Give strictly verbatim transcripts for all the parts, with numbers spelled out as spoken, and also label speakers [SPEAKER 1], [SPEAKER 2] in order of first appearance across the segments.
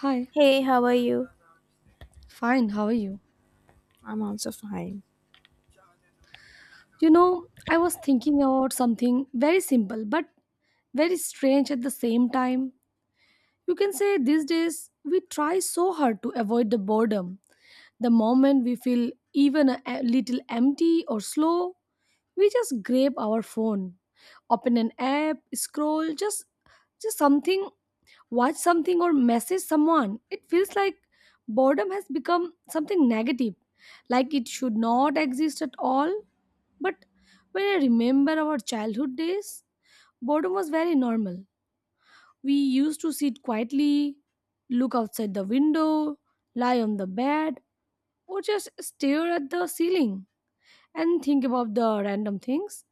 [SPEAKER 1] Hi,
[SPEAKER 2] Hey, how are you?
[SPEAKER 1] fine, how are you?
[SPEAKER 2] I'm also fine.
[SPEAKER 1] You know, I was thinking about something very simple but very strange at the same time. You can say these days we try so hard to avoid the boredom. The moment we feel even a a little empty or slow, we just grab our phone, open an app, scroll, just just something, watch something or message someone. It feels like boredom has become something negative, like it should not exist at all. But when I remember our childhood days, boredom was very normal. We used to sit quietly, look outside the window, lie on the bed, or just stare at the ceiling and think about the random things.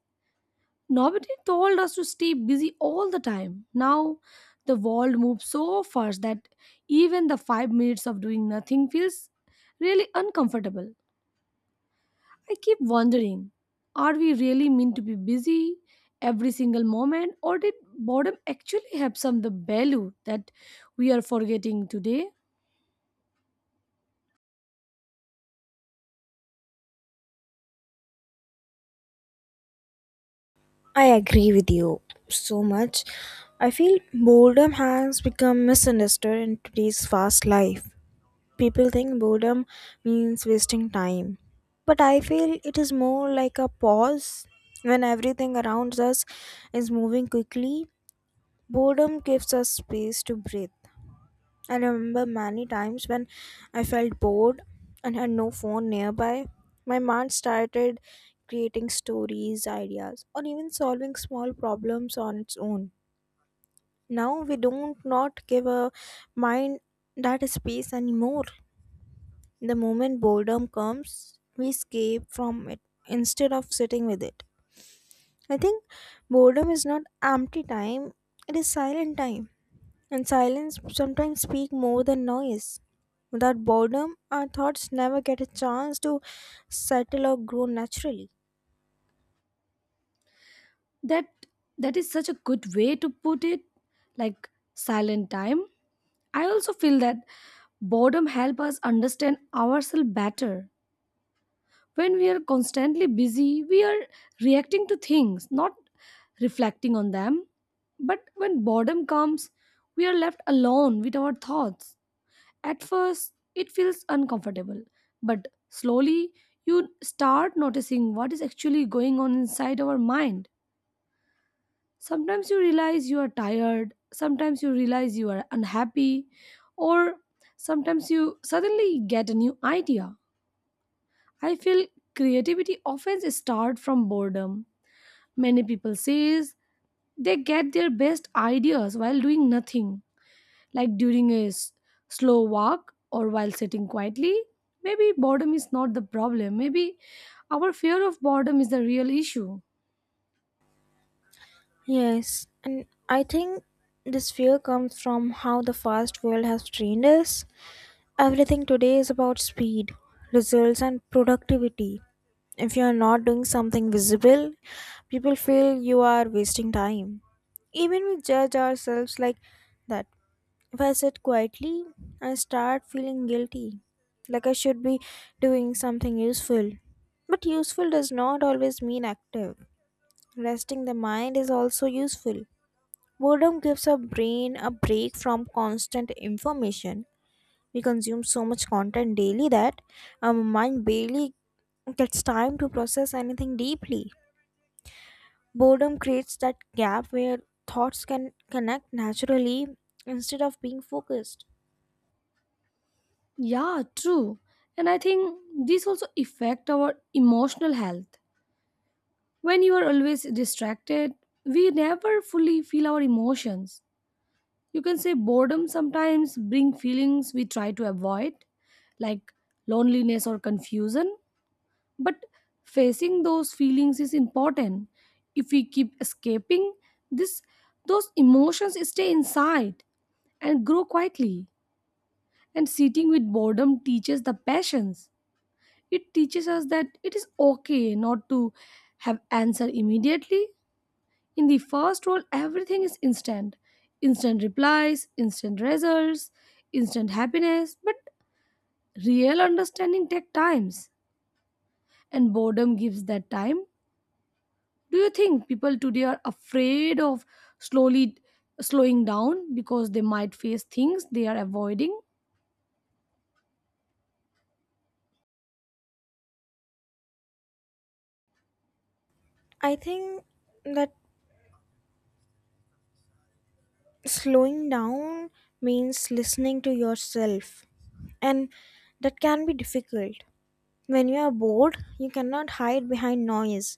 [SPEAKER 1] Nobody told us to stay busy all the time. Now, the world moves so fast that even the five minutes of doing nothing feels really uncomfortable. I keep wondering, are we really meant to be busy every single moment, or did boredom actually have some the value that we are forgetting today?
[SPEAKER 2] I agree with you so much. I feel boredom has become misunderstood in today's fast life. People think boredom means wasting time, but I feel it is more like a pause when everything around us is moving quickly. Boredom gives us space to breathe. I remember many times when I felt bored and had no phone nearby. My mind started creating stories, ideas, or even solving small problems on its own. Now we don't not give a mind that space anymore. The moment boredom comes, we escape from it instead of sitting with it. I think boredom is not empty time, it is silent time and silence sometimes speak more than noise. Without boredom, our thoughts never get a chance to settle or grow naturally.
[SPEAKER 1] That that is such a good way to put it, like silent time. I also feel that boredom help us understand ourselves better. When we are constantly busy, we are reacting to things, not reflecting on them. But when boredom comes, we are left alone with our thoughts. At first, it feels uncomfortable, but slowly you start noticing what is actually going on inside our mind. Sometimes you realize you are tired, sometimes you realize you are unhappy, or sometimes you suddenly get a new idea. I feel creativity often starts from boredom. Many people say they get their best ideas while doing nothing, like during a s- slow walk or while sitting quietly. Maybe boredom is not the problem. Maybe our fear of boredom is the real issue.
[SPEAKER 2] Yes, and I think this fear comes from how the fast world has trained us. Everything today is about speed, results, and productivity. If you are not doing something visible, people feel you are wasting time. Even we judge ourselves like that. If I sit quietly, I start feeling guilty, like I should be doing something useful. But useful does not always mean active. Resting the mind is also useful. Boredom gives our brain a break from constant information. We consume so much content daily that our mind barely gets time to process anything deeply. Boredom creates that gap where thoughts can connect naturally instead of being focused.
[SPEAKER 1] Yeah, true. And I think this also affect our emotional health. When you are always distracted, we never fully feel our emotions. You can say boredom sometimes bring feelings we try to avoid, like loneliness or confusion, but facing those feelings is important. If we keep escaping, this those emotions stay inside and grow quietly. And sitting with boredom teaches the patience. It teaches us that it is okay not to have answer immediately. In the first world, everything is instant instant replies, instant results, instant happiness. But real understanding takes times, and boredom gives that time. Do you think people today are afraid of slowly slowing down because they might face things they are avoiding?
[SPEAKER 2] I think that slowing down means listening to yourself, and that can be difficult. When you are bored, you cannot hide behind noise.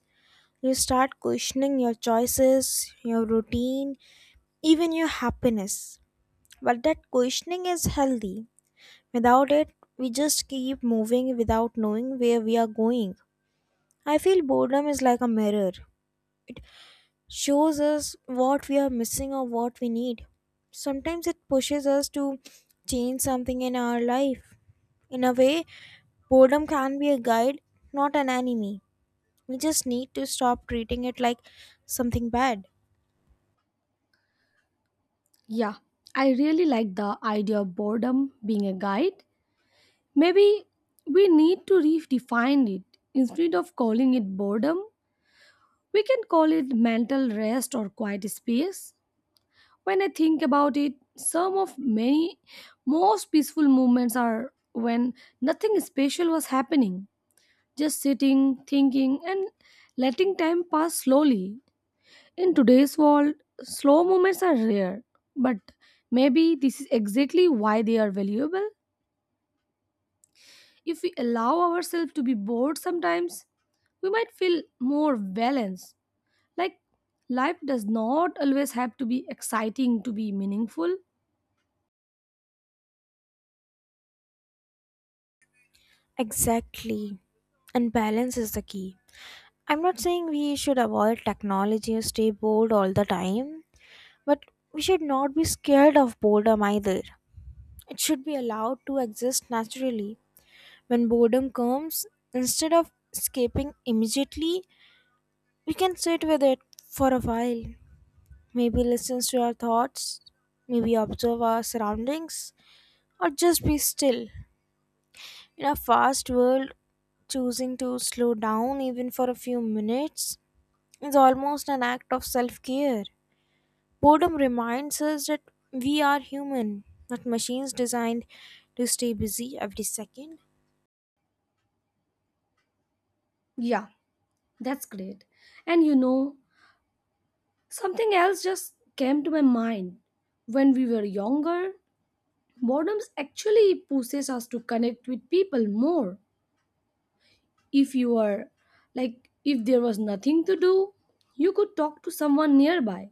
[SPEAKER 2] You start questioning your choices, your routine, even your happiness. But that questioning is healthy. Without it, we just keep moving without knowing where we are going. I feel boredom is like a mirror. Shows us what we are missing or what we need. Sometimes it pushes us to change something in our life. In a way, boredom can be a guide, not an enemy. We just need to stop treating it like something bad.
[SPEAKER 1] Yeah, I really like the idea of boredom being a guide. Maybe we need to redefine it. Instead of calling it boredom, we can call it mental rest or quiet space. When I think about it, some of many most peaceful moments are when nothing special was happening, just sitting, thinking, and letting time pass slowly. In today's world, slow moments are rare, but maybe this is exactly why they are valuable. If we allow ourselves to be bored sometimes, we might feel more balanced. Like, life does not always have to be exciting to be meaningful.
[SPEAKER 2] Exactly. And balance is the key. I'm not saying we should avoid technology or stay bored all the time, but we should not be scared of boredom either. It should be allowed to exist naturally. When boredom comes, instead of escaping immediately, we can sit with it for a while. Maybe listen to our thoughts, maybe observe our surroundings, or just be still. In a fast world, choosing to slow down even for a few minutes is almost an act of self care. Boredom reminds us that we are human, not machines designed to stay busy every second.
[SPEAKER 1] Yeah, that's great. And you know, something else just came to my mind. When we were younger, boredom actually pushes us to connect with people more. If you are like, if there was nothing to do, you could talk to someone nearby,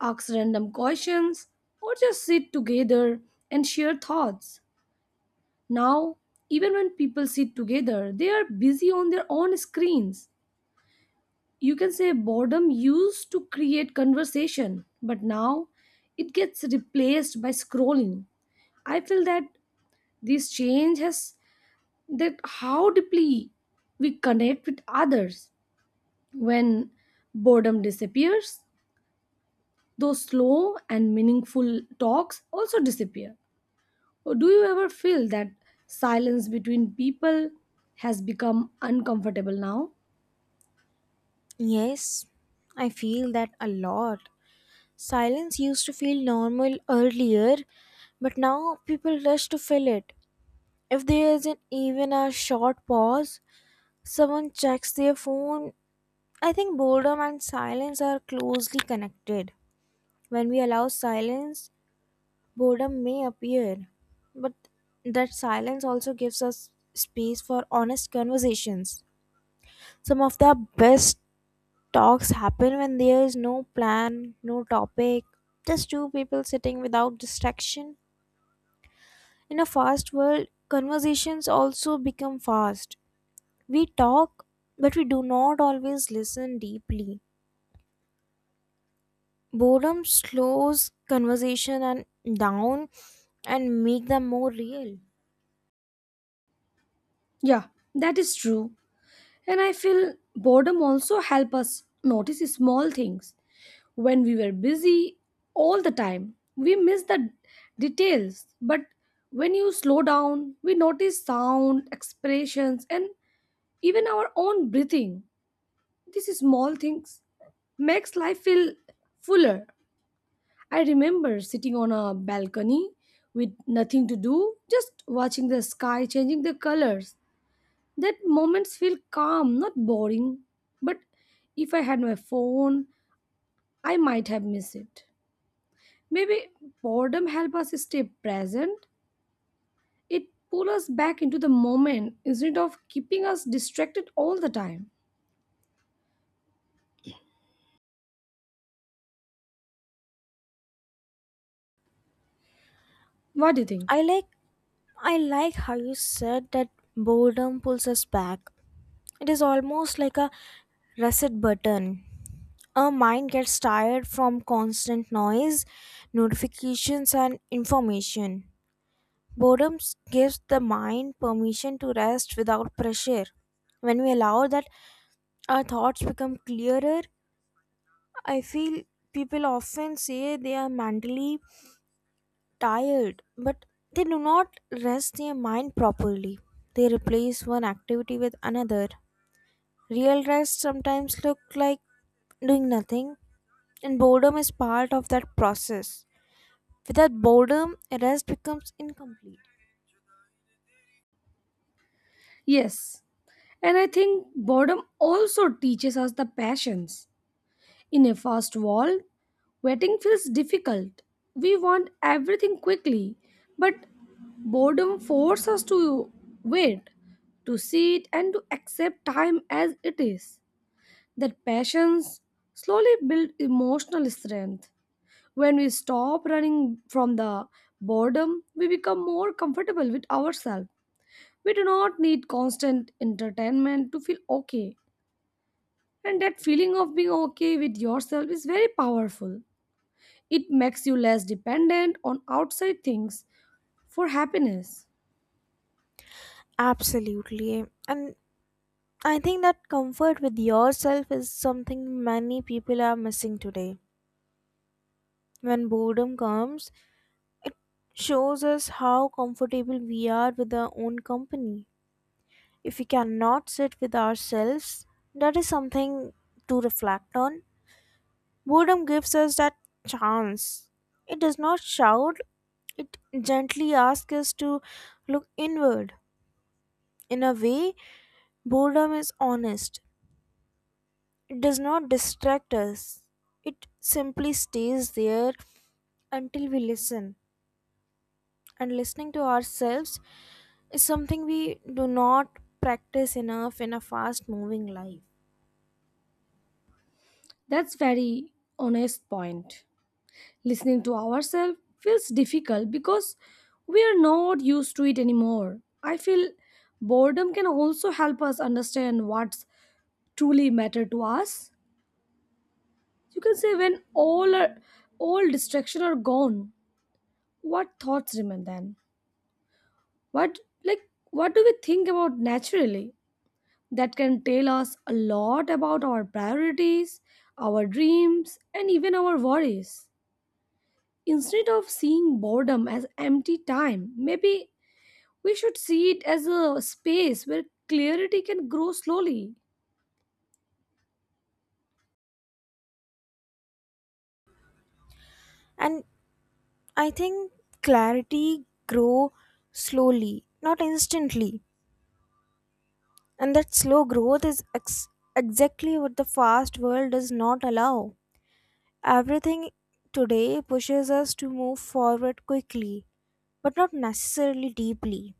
[SPEAKER 1] ask random questions, or just sit together and share thoughts. Now, even when people sit together, they are busy on their own screens. You can say boredom used to create conversation, but now it gets replaced by scrolling. I feel that this change has that how deeply we connect with others. When boredom disappears, those slow and meaningful talks also disappear. Or do you ever feel that silence between people has become uncomfortable now?
[SPEAKER 2] Yes, I feel that a lot. Silence used to feel normal earlier, but now people rush to fill it. If there isn't even a short pause, someone checks their phone. I think boredom and silence are closely connected. When we allow silence, boredom may appear, but that silence also gives us space for honest conversations. Some of the best talks happen when there is no plan, no topic, just two people sitting without distraction. In a fast world, conversations also become fast. We talk, but we do not always listen deeply. Boredom slows conversation and down and make them more real.
[SPEAKER 1] Yeah, that is true. And I feel boredom also help us notice small things. When we were busy all the time, we miss the details. But when you slow down, we notice sound, expressions, and even our own breathing. These small things makes life feel fuller. I remember sitting on a balcony with nothing to do, just watching the sky changing the colors. That moments feel calm, not boring. But if I had my phone, I might have missed it. Maybe boredom helps us stay present. It pulls us back into the moment instead of keeping us distracted all the time. What do you think?
[SPEAKER 2] I like I like how you said that boredom pulls us back. It is almost like a reset button. Our mind gets tired from constant noise, notifications and information. Boredom s- gives the mind permission to rest without pressure. When we allow that, our thoughts become clearer. I feel people often say they are mentally tired, but they do not rest their mind properly. They replace one activity with another. Real rest sometimes look like doing nothing, and boredom is part of that process. Without boredom, rest becomes incomplete.
[SPEAKER 1] Yes. And I think boredom also teaches us the passions. In a fast world, waiting feels difficult. We want everything quickly, but boredom forces us to wait, to sit, and to accept time as it is. That patience slowly builds emotional strength. When we stop running from the boredom, we become more comfortable with ourselves. We do not need constant entertainment to feel okay. And that feeling of being okay with yourself is very powerful. It makes you less dependent on outside things for happiness.
[SPEAKER 2] Absolutely. And I think that comfort with yourself is something many people are missing today. When boredom comes, it shows us how comfortable we are with our own company. If we cannot sit with ourselves, that is something to reflect on. Boredom gives us that chance. It does not shout, it gently asks us to look inward. In a way, boredom is honest. It does not distract us, it simply stays there until we listen. And listening to ourselves is something we do not practice enough in a fast moving life.
[SPEAKER 1] That's very honest point. Listening to ourselves feels difficult because we are not used to it anymore. I feel boredom can also help us understand what's truly matter to us. You can say when all are, all distraction are gone, what thoughts remain then? What, like, what do we think about naturally? That can tell us a lot about our priorities, our dreams, and even our worries. Instead of seeing boredom as empty time, maybe we should see it as a space where clarity can grow slowly.
[SPEAKER 2] And I think clarity grow slowly, not instantly. And that slow growth is ex- exactly what the fast world does not allow. Everything today pushes us to move forward quickly, but not necessarily deeply.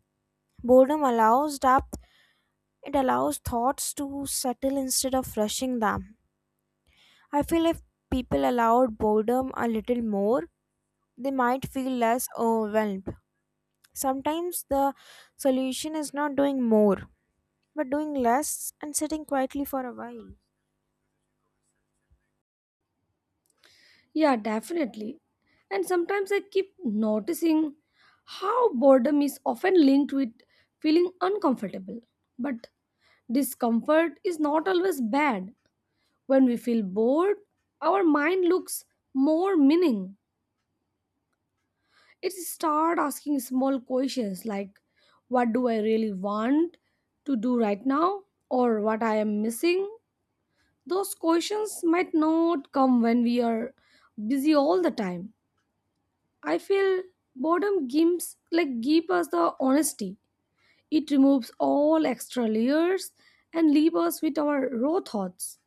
[SPEAKER 2] Boredom allows depth, it allows thoughts to settle instead of rushing them. I feel if people allowed boredom a little more, they might feel less overwhelmed. Sometimes the solution is not doing more, but doing less and sitting quietly for a while.
[SPEAKER 1] Yeah, definitely. And sometimes I keep noticing how boredom is often linked with feeling uncomfortable. But discomfort is not always bad. When we feel bored, our mind looks more meaning. It start asking small questions like what do I really want to do right now or what I am missing. Those questions might not come when we are busy all the time. I feel boredom gives, like, give us the honesty. It removes all extra layers and leaves us with our raw thoughts.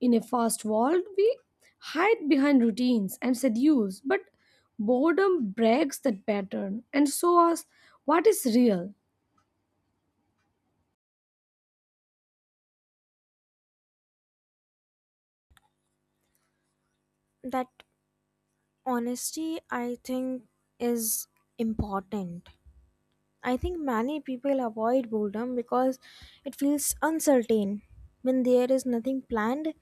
[SPEAKER 1] In a fast world, we hide behind routines and seduce, but boredom breaks that pattern and shows what is real.
[SPEAKER 2] That honesty, I think, is important. I think many people avoid boredom because it feels uncertain. When there is nothing planned,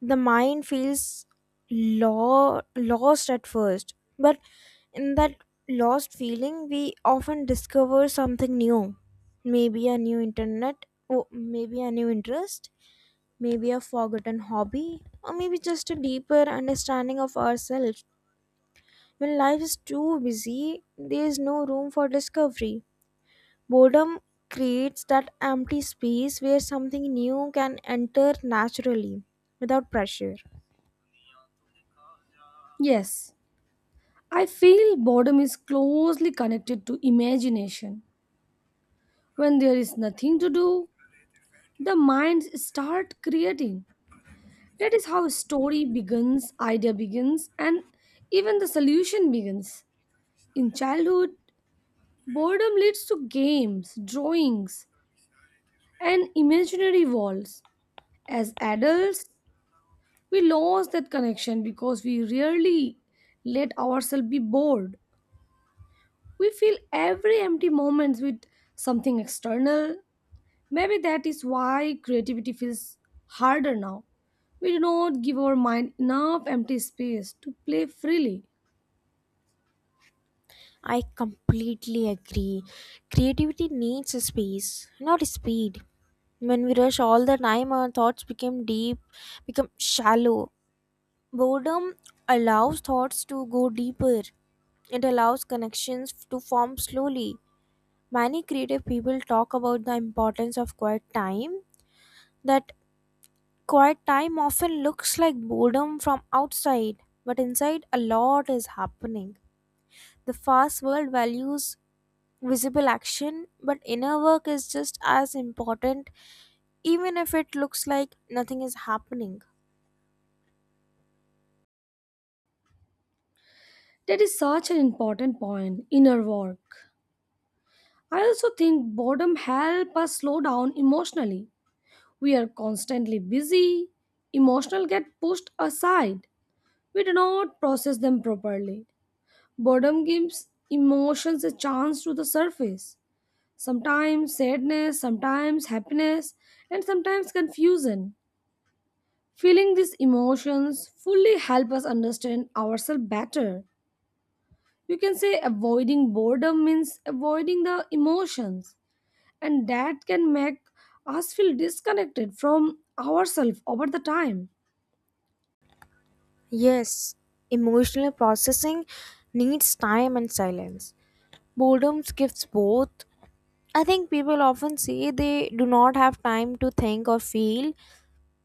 [SPEAKER 2] the mind feels lo- lost at first but in that lost feeling we often discover something new maybe a new internet or maybe a new interest maybe a forgotten hobby or maybe just a deeper understanding of ourselves when life is too busy there is no room for discovery boredom creates that empty space where something new can enter naturally without pressure.
[SPEAKER 1] Yes, I feel boredom is closely connected to imagination. When there is nothing to do, the minds start creating. That is how story begins, idea begins, and even the solution begins. In childhood, boredom leads to games, drawings, and imaginary walls. As adults, we lost that connection because we rarely let ourselves be bored. We fill every empty moment with something external. Maybe that is why creativity feels harder now. We do not give our mind enough empty space to play freely.
[SPEAKER 2] I completely agree. Creativity needs a space, not a speed. When we rush all the time, our thoughts become deep, become shallow. Boredom allows thoughts to go deeper. It allows connections to form slowly. Many creative people talk about the importance of quiet time. That quiet time often looks like boredom from outside, but inside a lot is happening. The fast world values visible action, but inner work is just as important, even if it looks like nothing is happening.
[SPEAKER 1] That is such an important point. Inner work. I also think boredom helps us slow down emotionally. We are constantly busy. Emotional get pushed aside, we do not process them properly. Boredom gives emotions a chance to the surface. Sometimes sadness, sometimes happiness, and sometimes confusion. Feeling these emotions fully help us understand ourselves better. You can say avoiding boredom means avoiding the emotions, and that can make us feel disconnected from ourselves over the time.
[SPEAKER 2] Yes, emotional processing needs time and silence. Boredom gives both. I think people often say they do not have time to think or feel,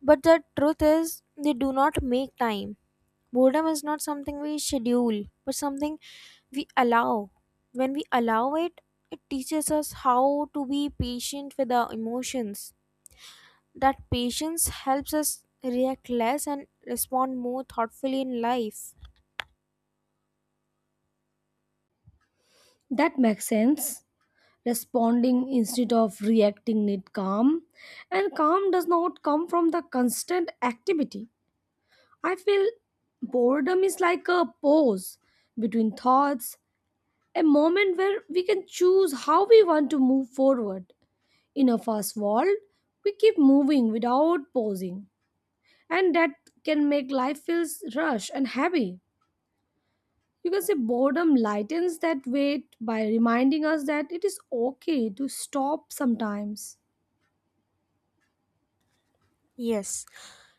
[SPEAKER 2] but the truth is, they do not make time. Boredom is not something we schedule, but something we allow. When we allow it, it teaches us how to be patient with our emotions. That patience helps us react less and respond more thoughtfully in life.
[SPEAKER 1] That makes sense. Responding instead of reacting need calm, and calm does not come from the constant activity. I feel boredom is like a pause between thoughts, a moment where we can choose how we want to move forward. In a fast world, we keep moving without pausing, and that can make life feels rush and heavy. You can say boredom lightens that weight by reminding us that it is okay to stop sometimes.
[SPEAKER 2] Yes,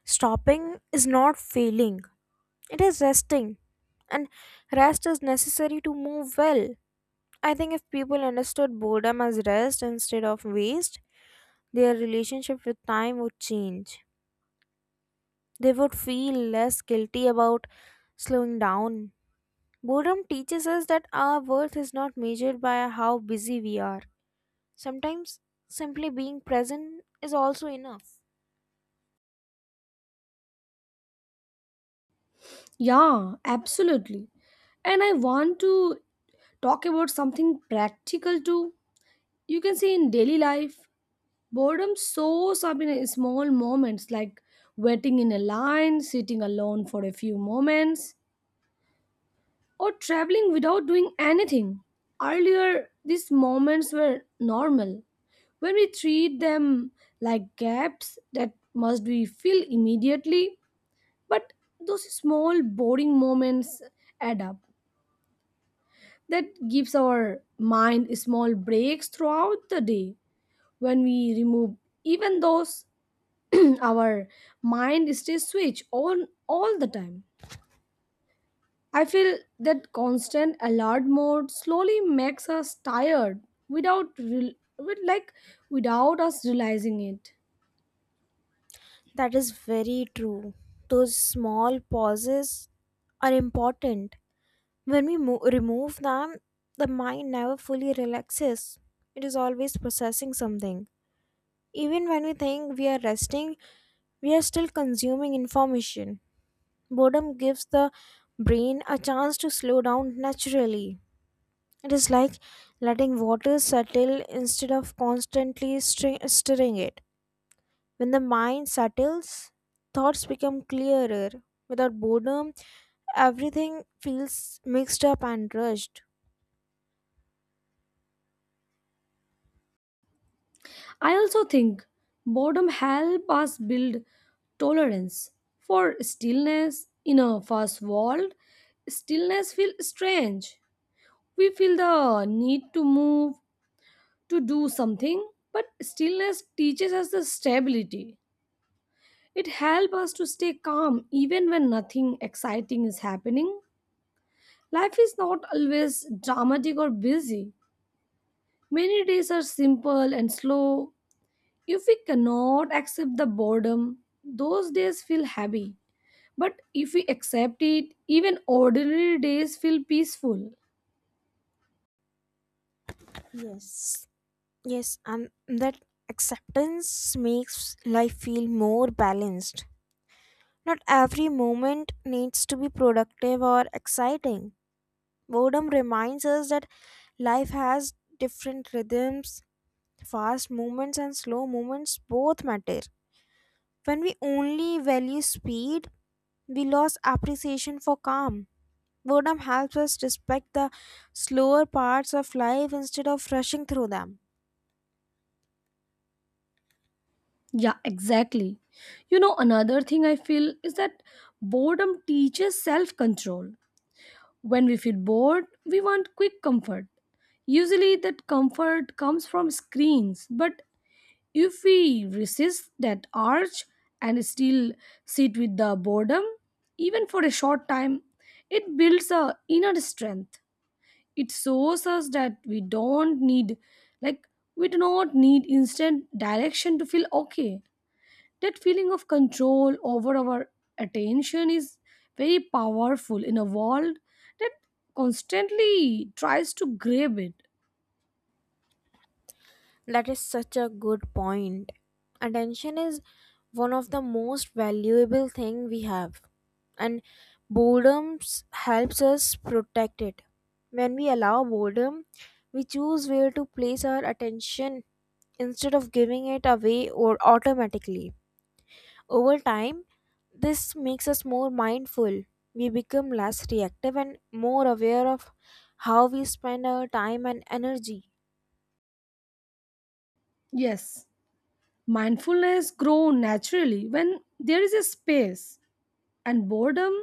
[SPEAKER 2] stopping is not failing, it is resting. And rest is necessary to move well. I think if people understood boredom as rest instead of waste, their relationship with time would change. They would feel less guilty about slowing down. Boredom teaches us that our worth is not measured by how busy we are. Sometimes simply being present is also enough.
[SPEAKER 1] Yeah, absolutely. And I want to talk about something practical too. You can see in daily life, boredom shows up in small moments like waiting in a line, sitting alone for a few moments, or traveling without doing anything. Earlier, these moments were normal. When we treat them like gaps that must be filled immediately, but those small boring moments add up, that gives our mind small breaks throughout the day. When we remove even those, our mind stays switched on all the time. I feel that constant alert mode slowly makes us tired without re- with like without us realizing it.
[SPEAKER 2] That is very true. Those small pauses are important. When we mo- remove them, the mind never fully relaxes. It is always processing something. Even when we think we are resting, we are still consuming information. Boredom gives the brain a chance to slow down naturally. It is like letting water settle instead of constantly stir- stirring it. When the mind settles, thoughts become clearer. Without boredom, everything feels mixed up and rushed.
[SPEAKER 1] I also think boredom helps us build tolerance for stillness in a fast world. Stillness feels strange. We feel the need to move, to do something, but stillness teaches us the stability. It helps us to stay calm even when nothing exciting is happening. Life is not always dramatic or busy. Many days are simple and slow. If we cannot accept the boredom, those days feel heavy. But if we accept it, even ordinary days feel peaceful.
[SPEAKER 2] Yes. Yes, and that acceptance makes life feel more balanced. Not every moment needs to be productive or exciting. Boredom reminds us that life has different rhythms, fast movements, and slow movements both matter. When we only value speed, we lose appreciation for calm. Boredom helps us respect the slower parts of life instead of rushing through them.
[SPEAKER 1] Yeah, exactly. You know, another thing I feel is that boredom teaches self control. When we feel bored, we want quick comfort. Usually, that comfort comes from screens, but if we resist that urge and still sit with the boredom, even for a short time, it builds a inner strength. It shows us that we don't need, like, we do not need instant direction to feel okay. That feeling of control over our attention is very powerful in a world that constantly tries to grab it.
[SPEAKER 2] That is such a good point. Attention is one of the most valuable thing we have and boredom s- helps us protect it. When we allow boredom, we choose where to place our attention instead of giving it away or automatically. Over time, this makes us more mindful. We become less reactive and more aware of how we spend our time and energy.
[SPEAKER 1] Yes, mindfulness grows naturally when there is a space, and boredom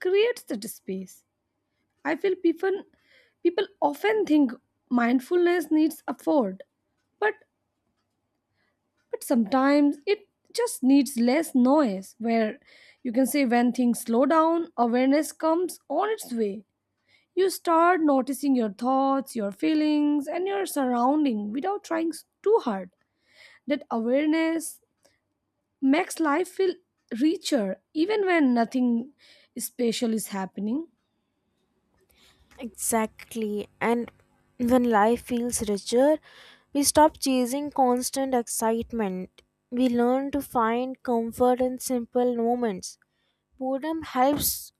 [SPEAKER 1] creates that space. I feel people people often think mindfulness needs effort, but but sometimes it just needs less noise. Where you can say when things slow down awareness comes on its way, you start noticing your thoughts, your feelings, and your surrounding without trying s- too hard. That awareness makes life feel richer even when nothing special is happening.
[SPEAKER 2] Exactly. And when life feels richer, we stop chasing constant excitement. We learn to find comfort in simple moments. Boredom helps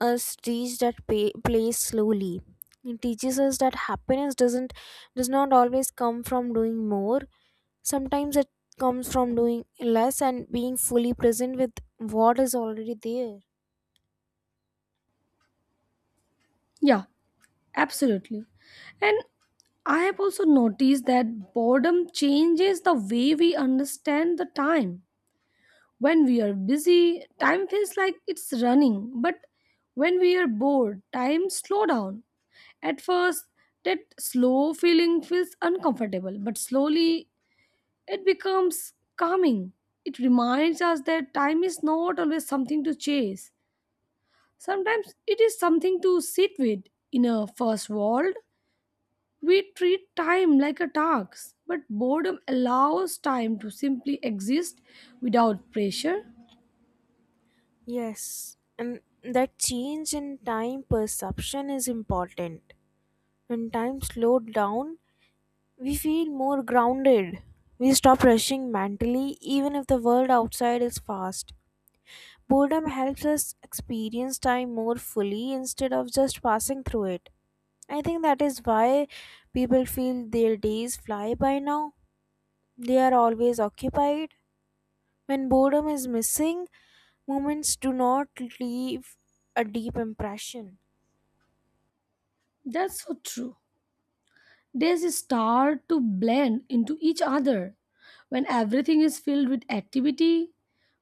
[SPEAKER 2] us reach that pa- place slowly. It teaches us that happiness doesn't does not always come from doing more. Sometimes it comes from doing less and being fully present with what is already there.
[SPEAKER 1] Yeah, absolutely. And I have also noticed that boredom changes the way we understand the time. When we are busy, time feels like it's running, but when we are bored, time slow down. At first, that slow feeling feels uncomfortable, but slowly it becomes calming. It reminds us that time is not always something to chase. Sometimes it is something to sit with. In a first world, we treat time like a task, but boredom allows time to simply exist without pressure.
[SPEAKER 2] Yes, and that change in time perception is important. When time slowed down, we feel more grounded. We stop rushing mentally, even if the world outside is fast. Boredom helps us experience time more fully instead of just passing through it. I think that is why people feel their days fly by now. They are always occupied. When boredom is missing, moments do not leave a deep impression.
[SPEAKER 1] That's so true. Days start to blend into each other. When everything is filled with activity,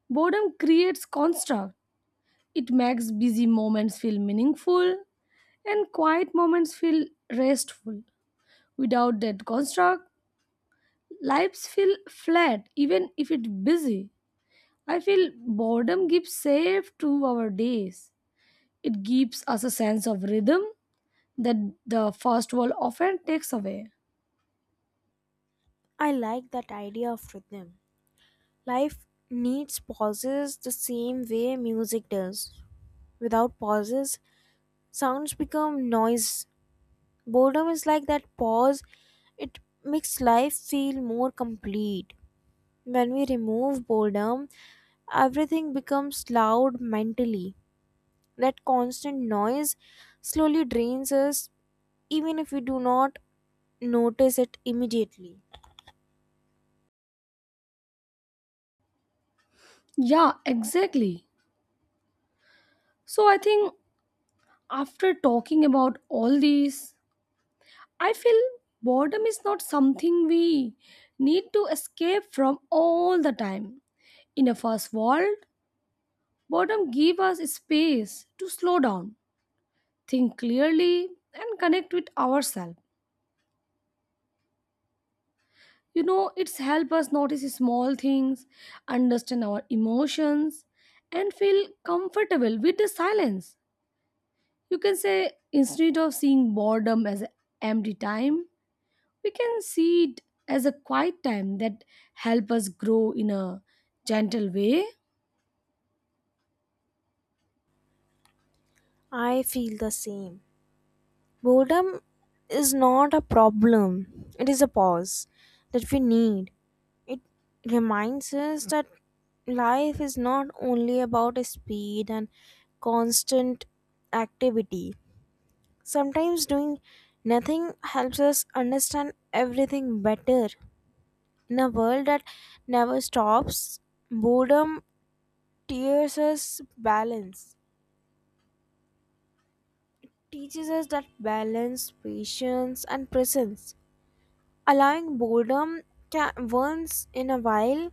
[SPEAKER 1] boredom creates construct. It makes busy moments feel meaningful and quiet moments feel restful. Without that construct, lives feel flat even if it's busy. I feel boredom gives shape to our days. It gives us a sense of rhythm that the first world often takes away.
[SPEAKER 2] I like that idea of rhythm. Life needs pauses the same way music does. Without pauses, sounds become noise. Boredom is like that pause, it makes life feel more complete. When we remove boredom, everything becomes loud mentally. That constant noise slowly drains us, even if we do not notice it immediately.
[SPEAKER 1] Yeah, exactly. So I think, after talking about all these, I feel boredom is not something we need to escape from all the time. In a fast world, boredom gives us space to slow down, think clearly, and connect with ourselves. You know, it's help us notice small things, understand our emotions, and feel comfortable with the silence. You can say instead of seeing boredom as empty time, we can see it as a quiet time that help us grow in a gentle way.
[SPEAKER 2] I feel the same. Boredom is not a problem, it is a pause that we need. It reminds us that life is not only about speed and constant activity. Sometimes doing nothing helps us understand everything better. In a world that never stops, boredom tears us balance, teaches us that balance, patience, and presence. Allowing boredom ca once in a while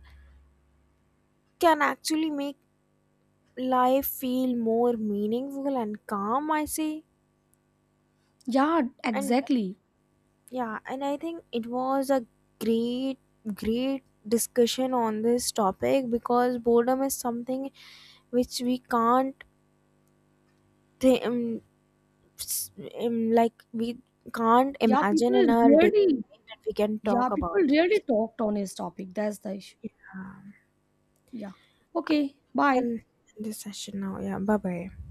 [SPEAKER 2] can actually make life feel more meaningful and calm, I say.
[SPEAKER 1] Yeah,
[SPEAKER 2] And
[SPEAKER 1] exactly.
[SPEAKER 2] yeah, and I think it was a great, great discussion on this topic because boredom is something which we can't th- um, s- um, like we can't
[SPEAKER 1] yeah people
[SPEAKER 2] imagine in our day
[SPEAKER 1] really
[SPEAKER 2] that we can
[SPEAKER 1] yeah,
[SPEAKER 2] talk
[SPEAKER 1] people
[SPEAKER 2] about this.
[SPEAKER 1] really talked on his topic, that's the issue.
[SPEAKER 2] Uh,
[SPEAKER 1] Yeah, okay,
[SPEAKER 2] we
[SPEAKER 1] bye.
[SPEAKER 2] can end this session now. Yeah, bye bye.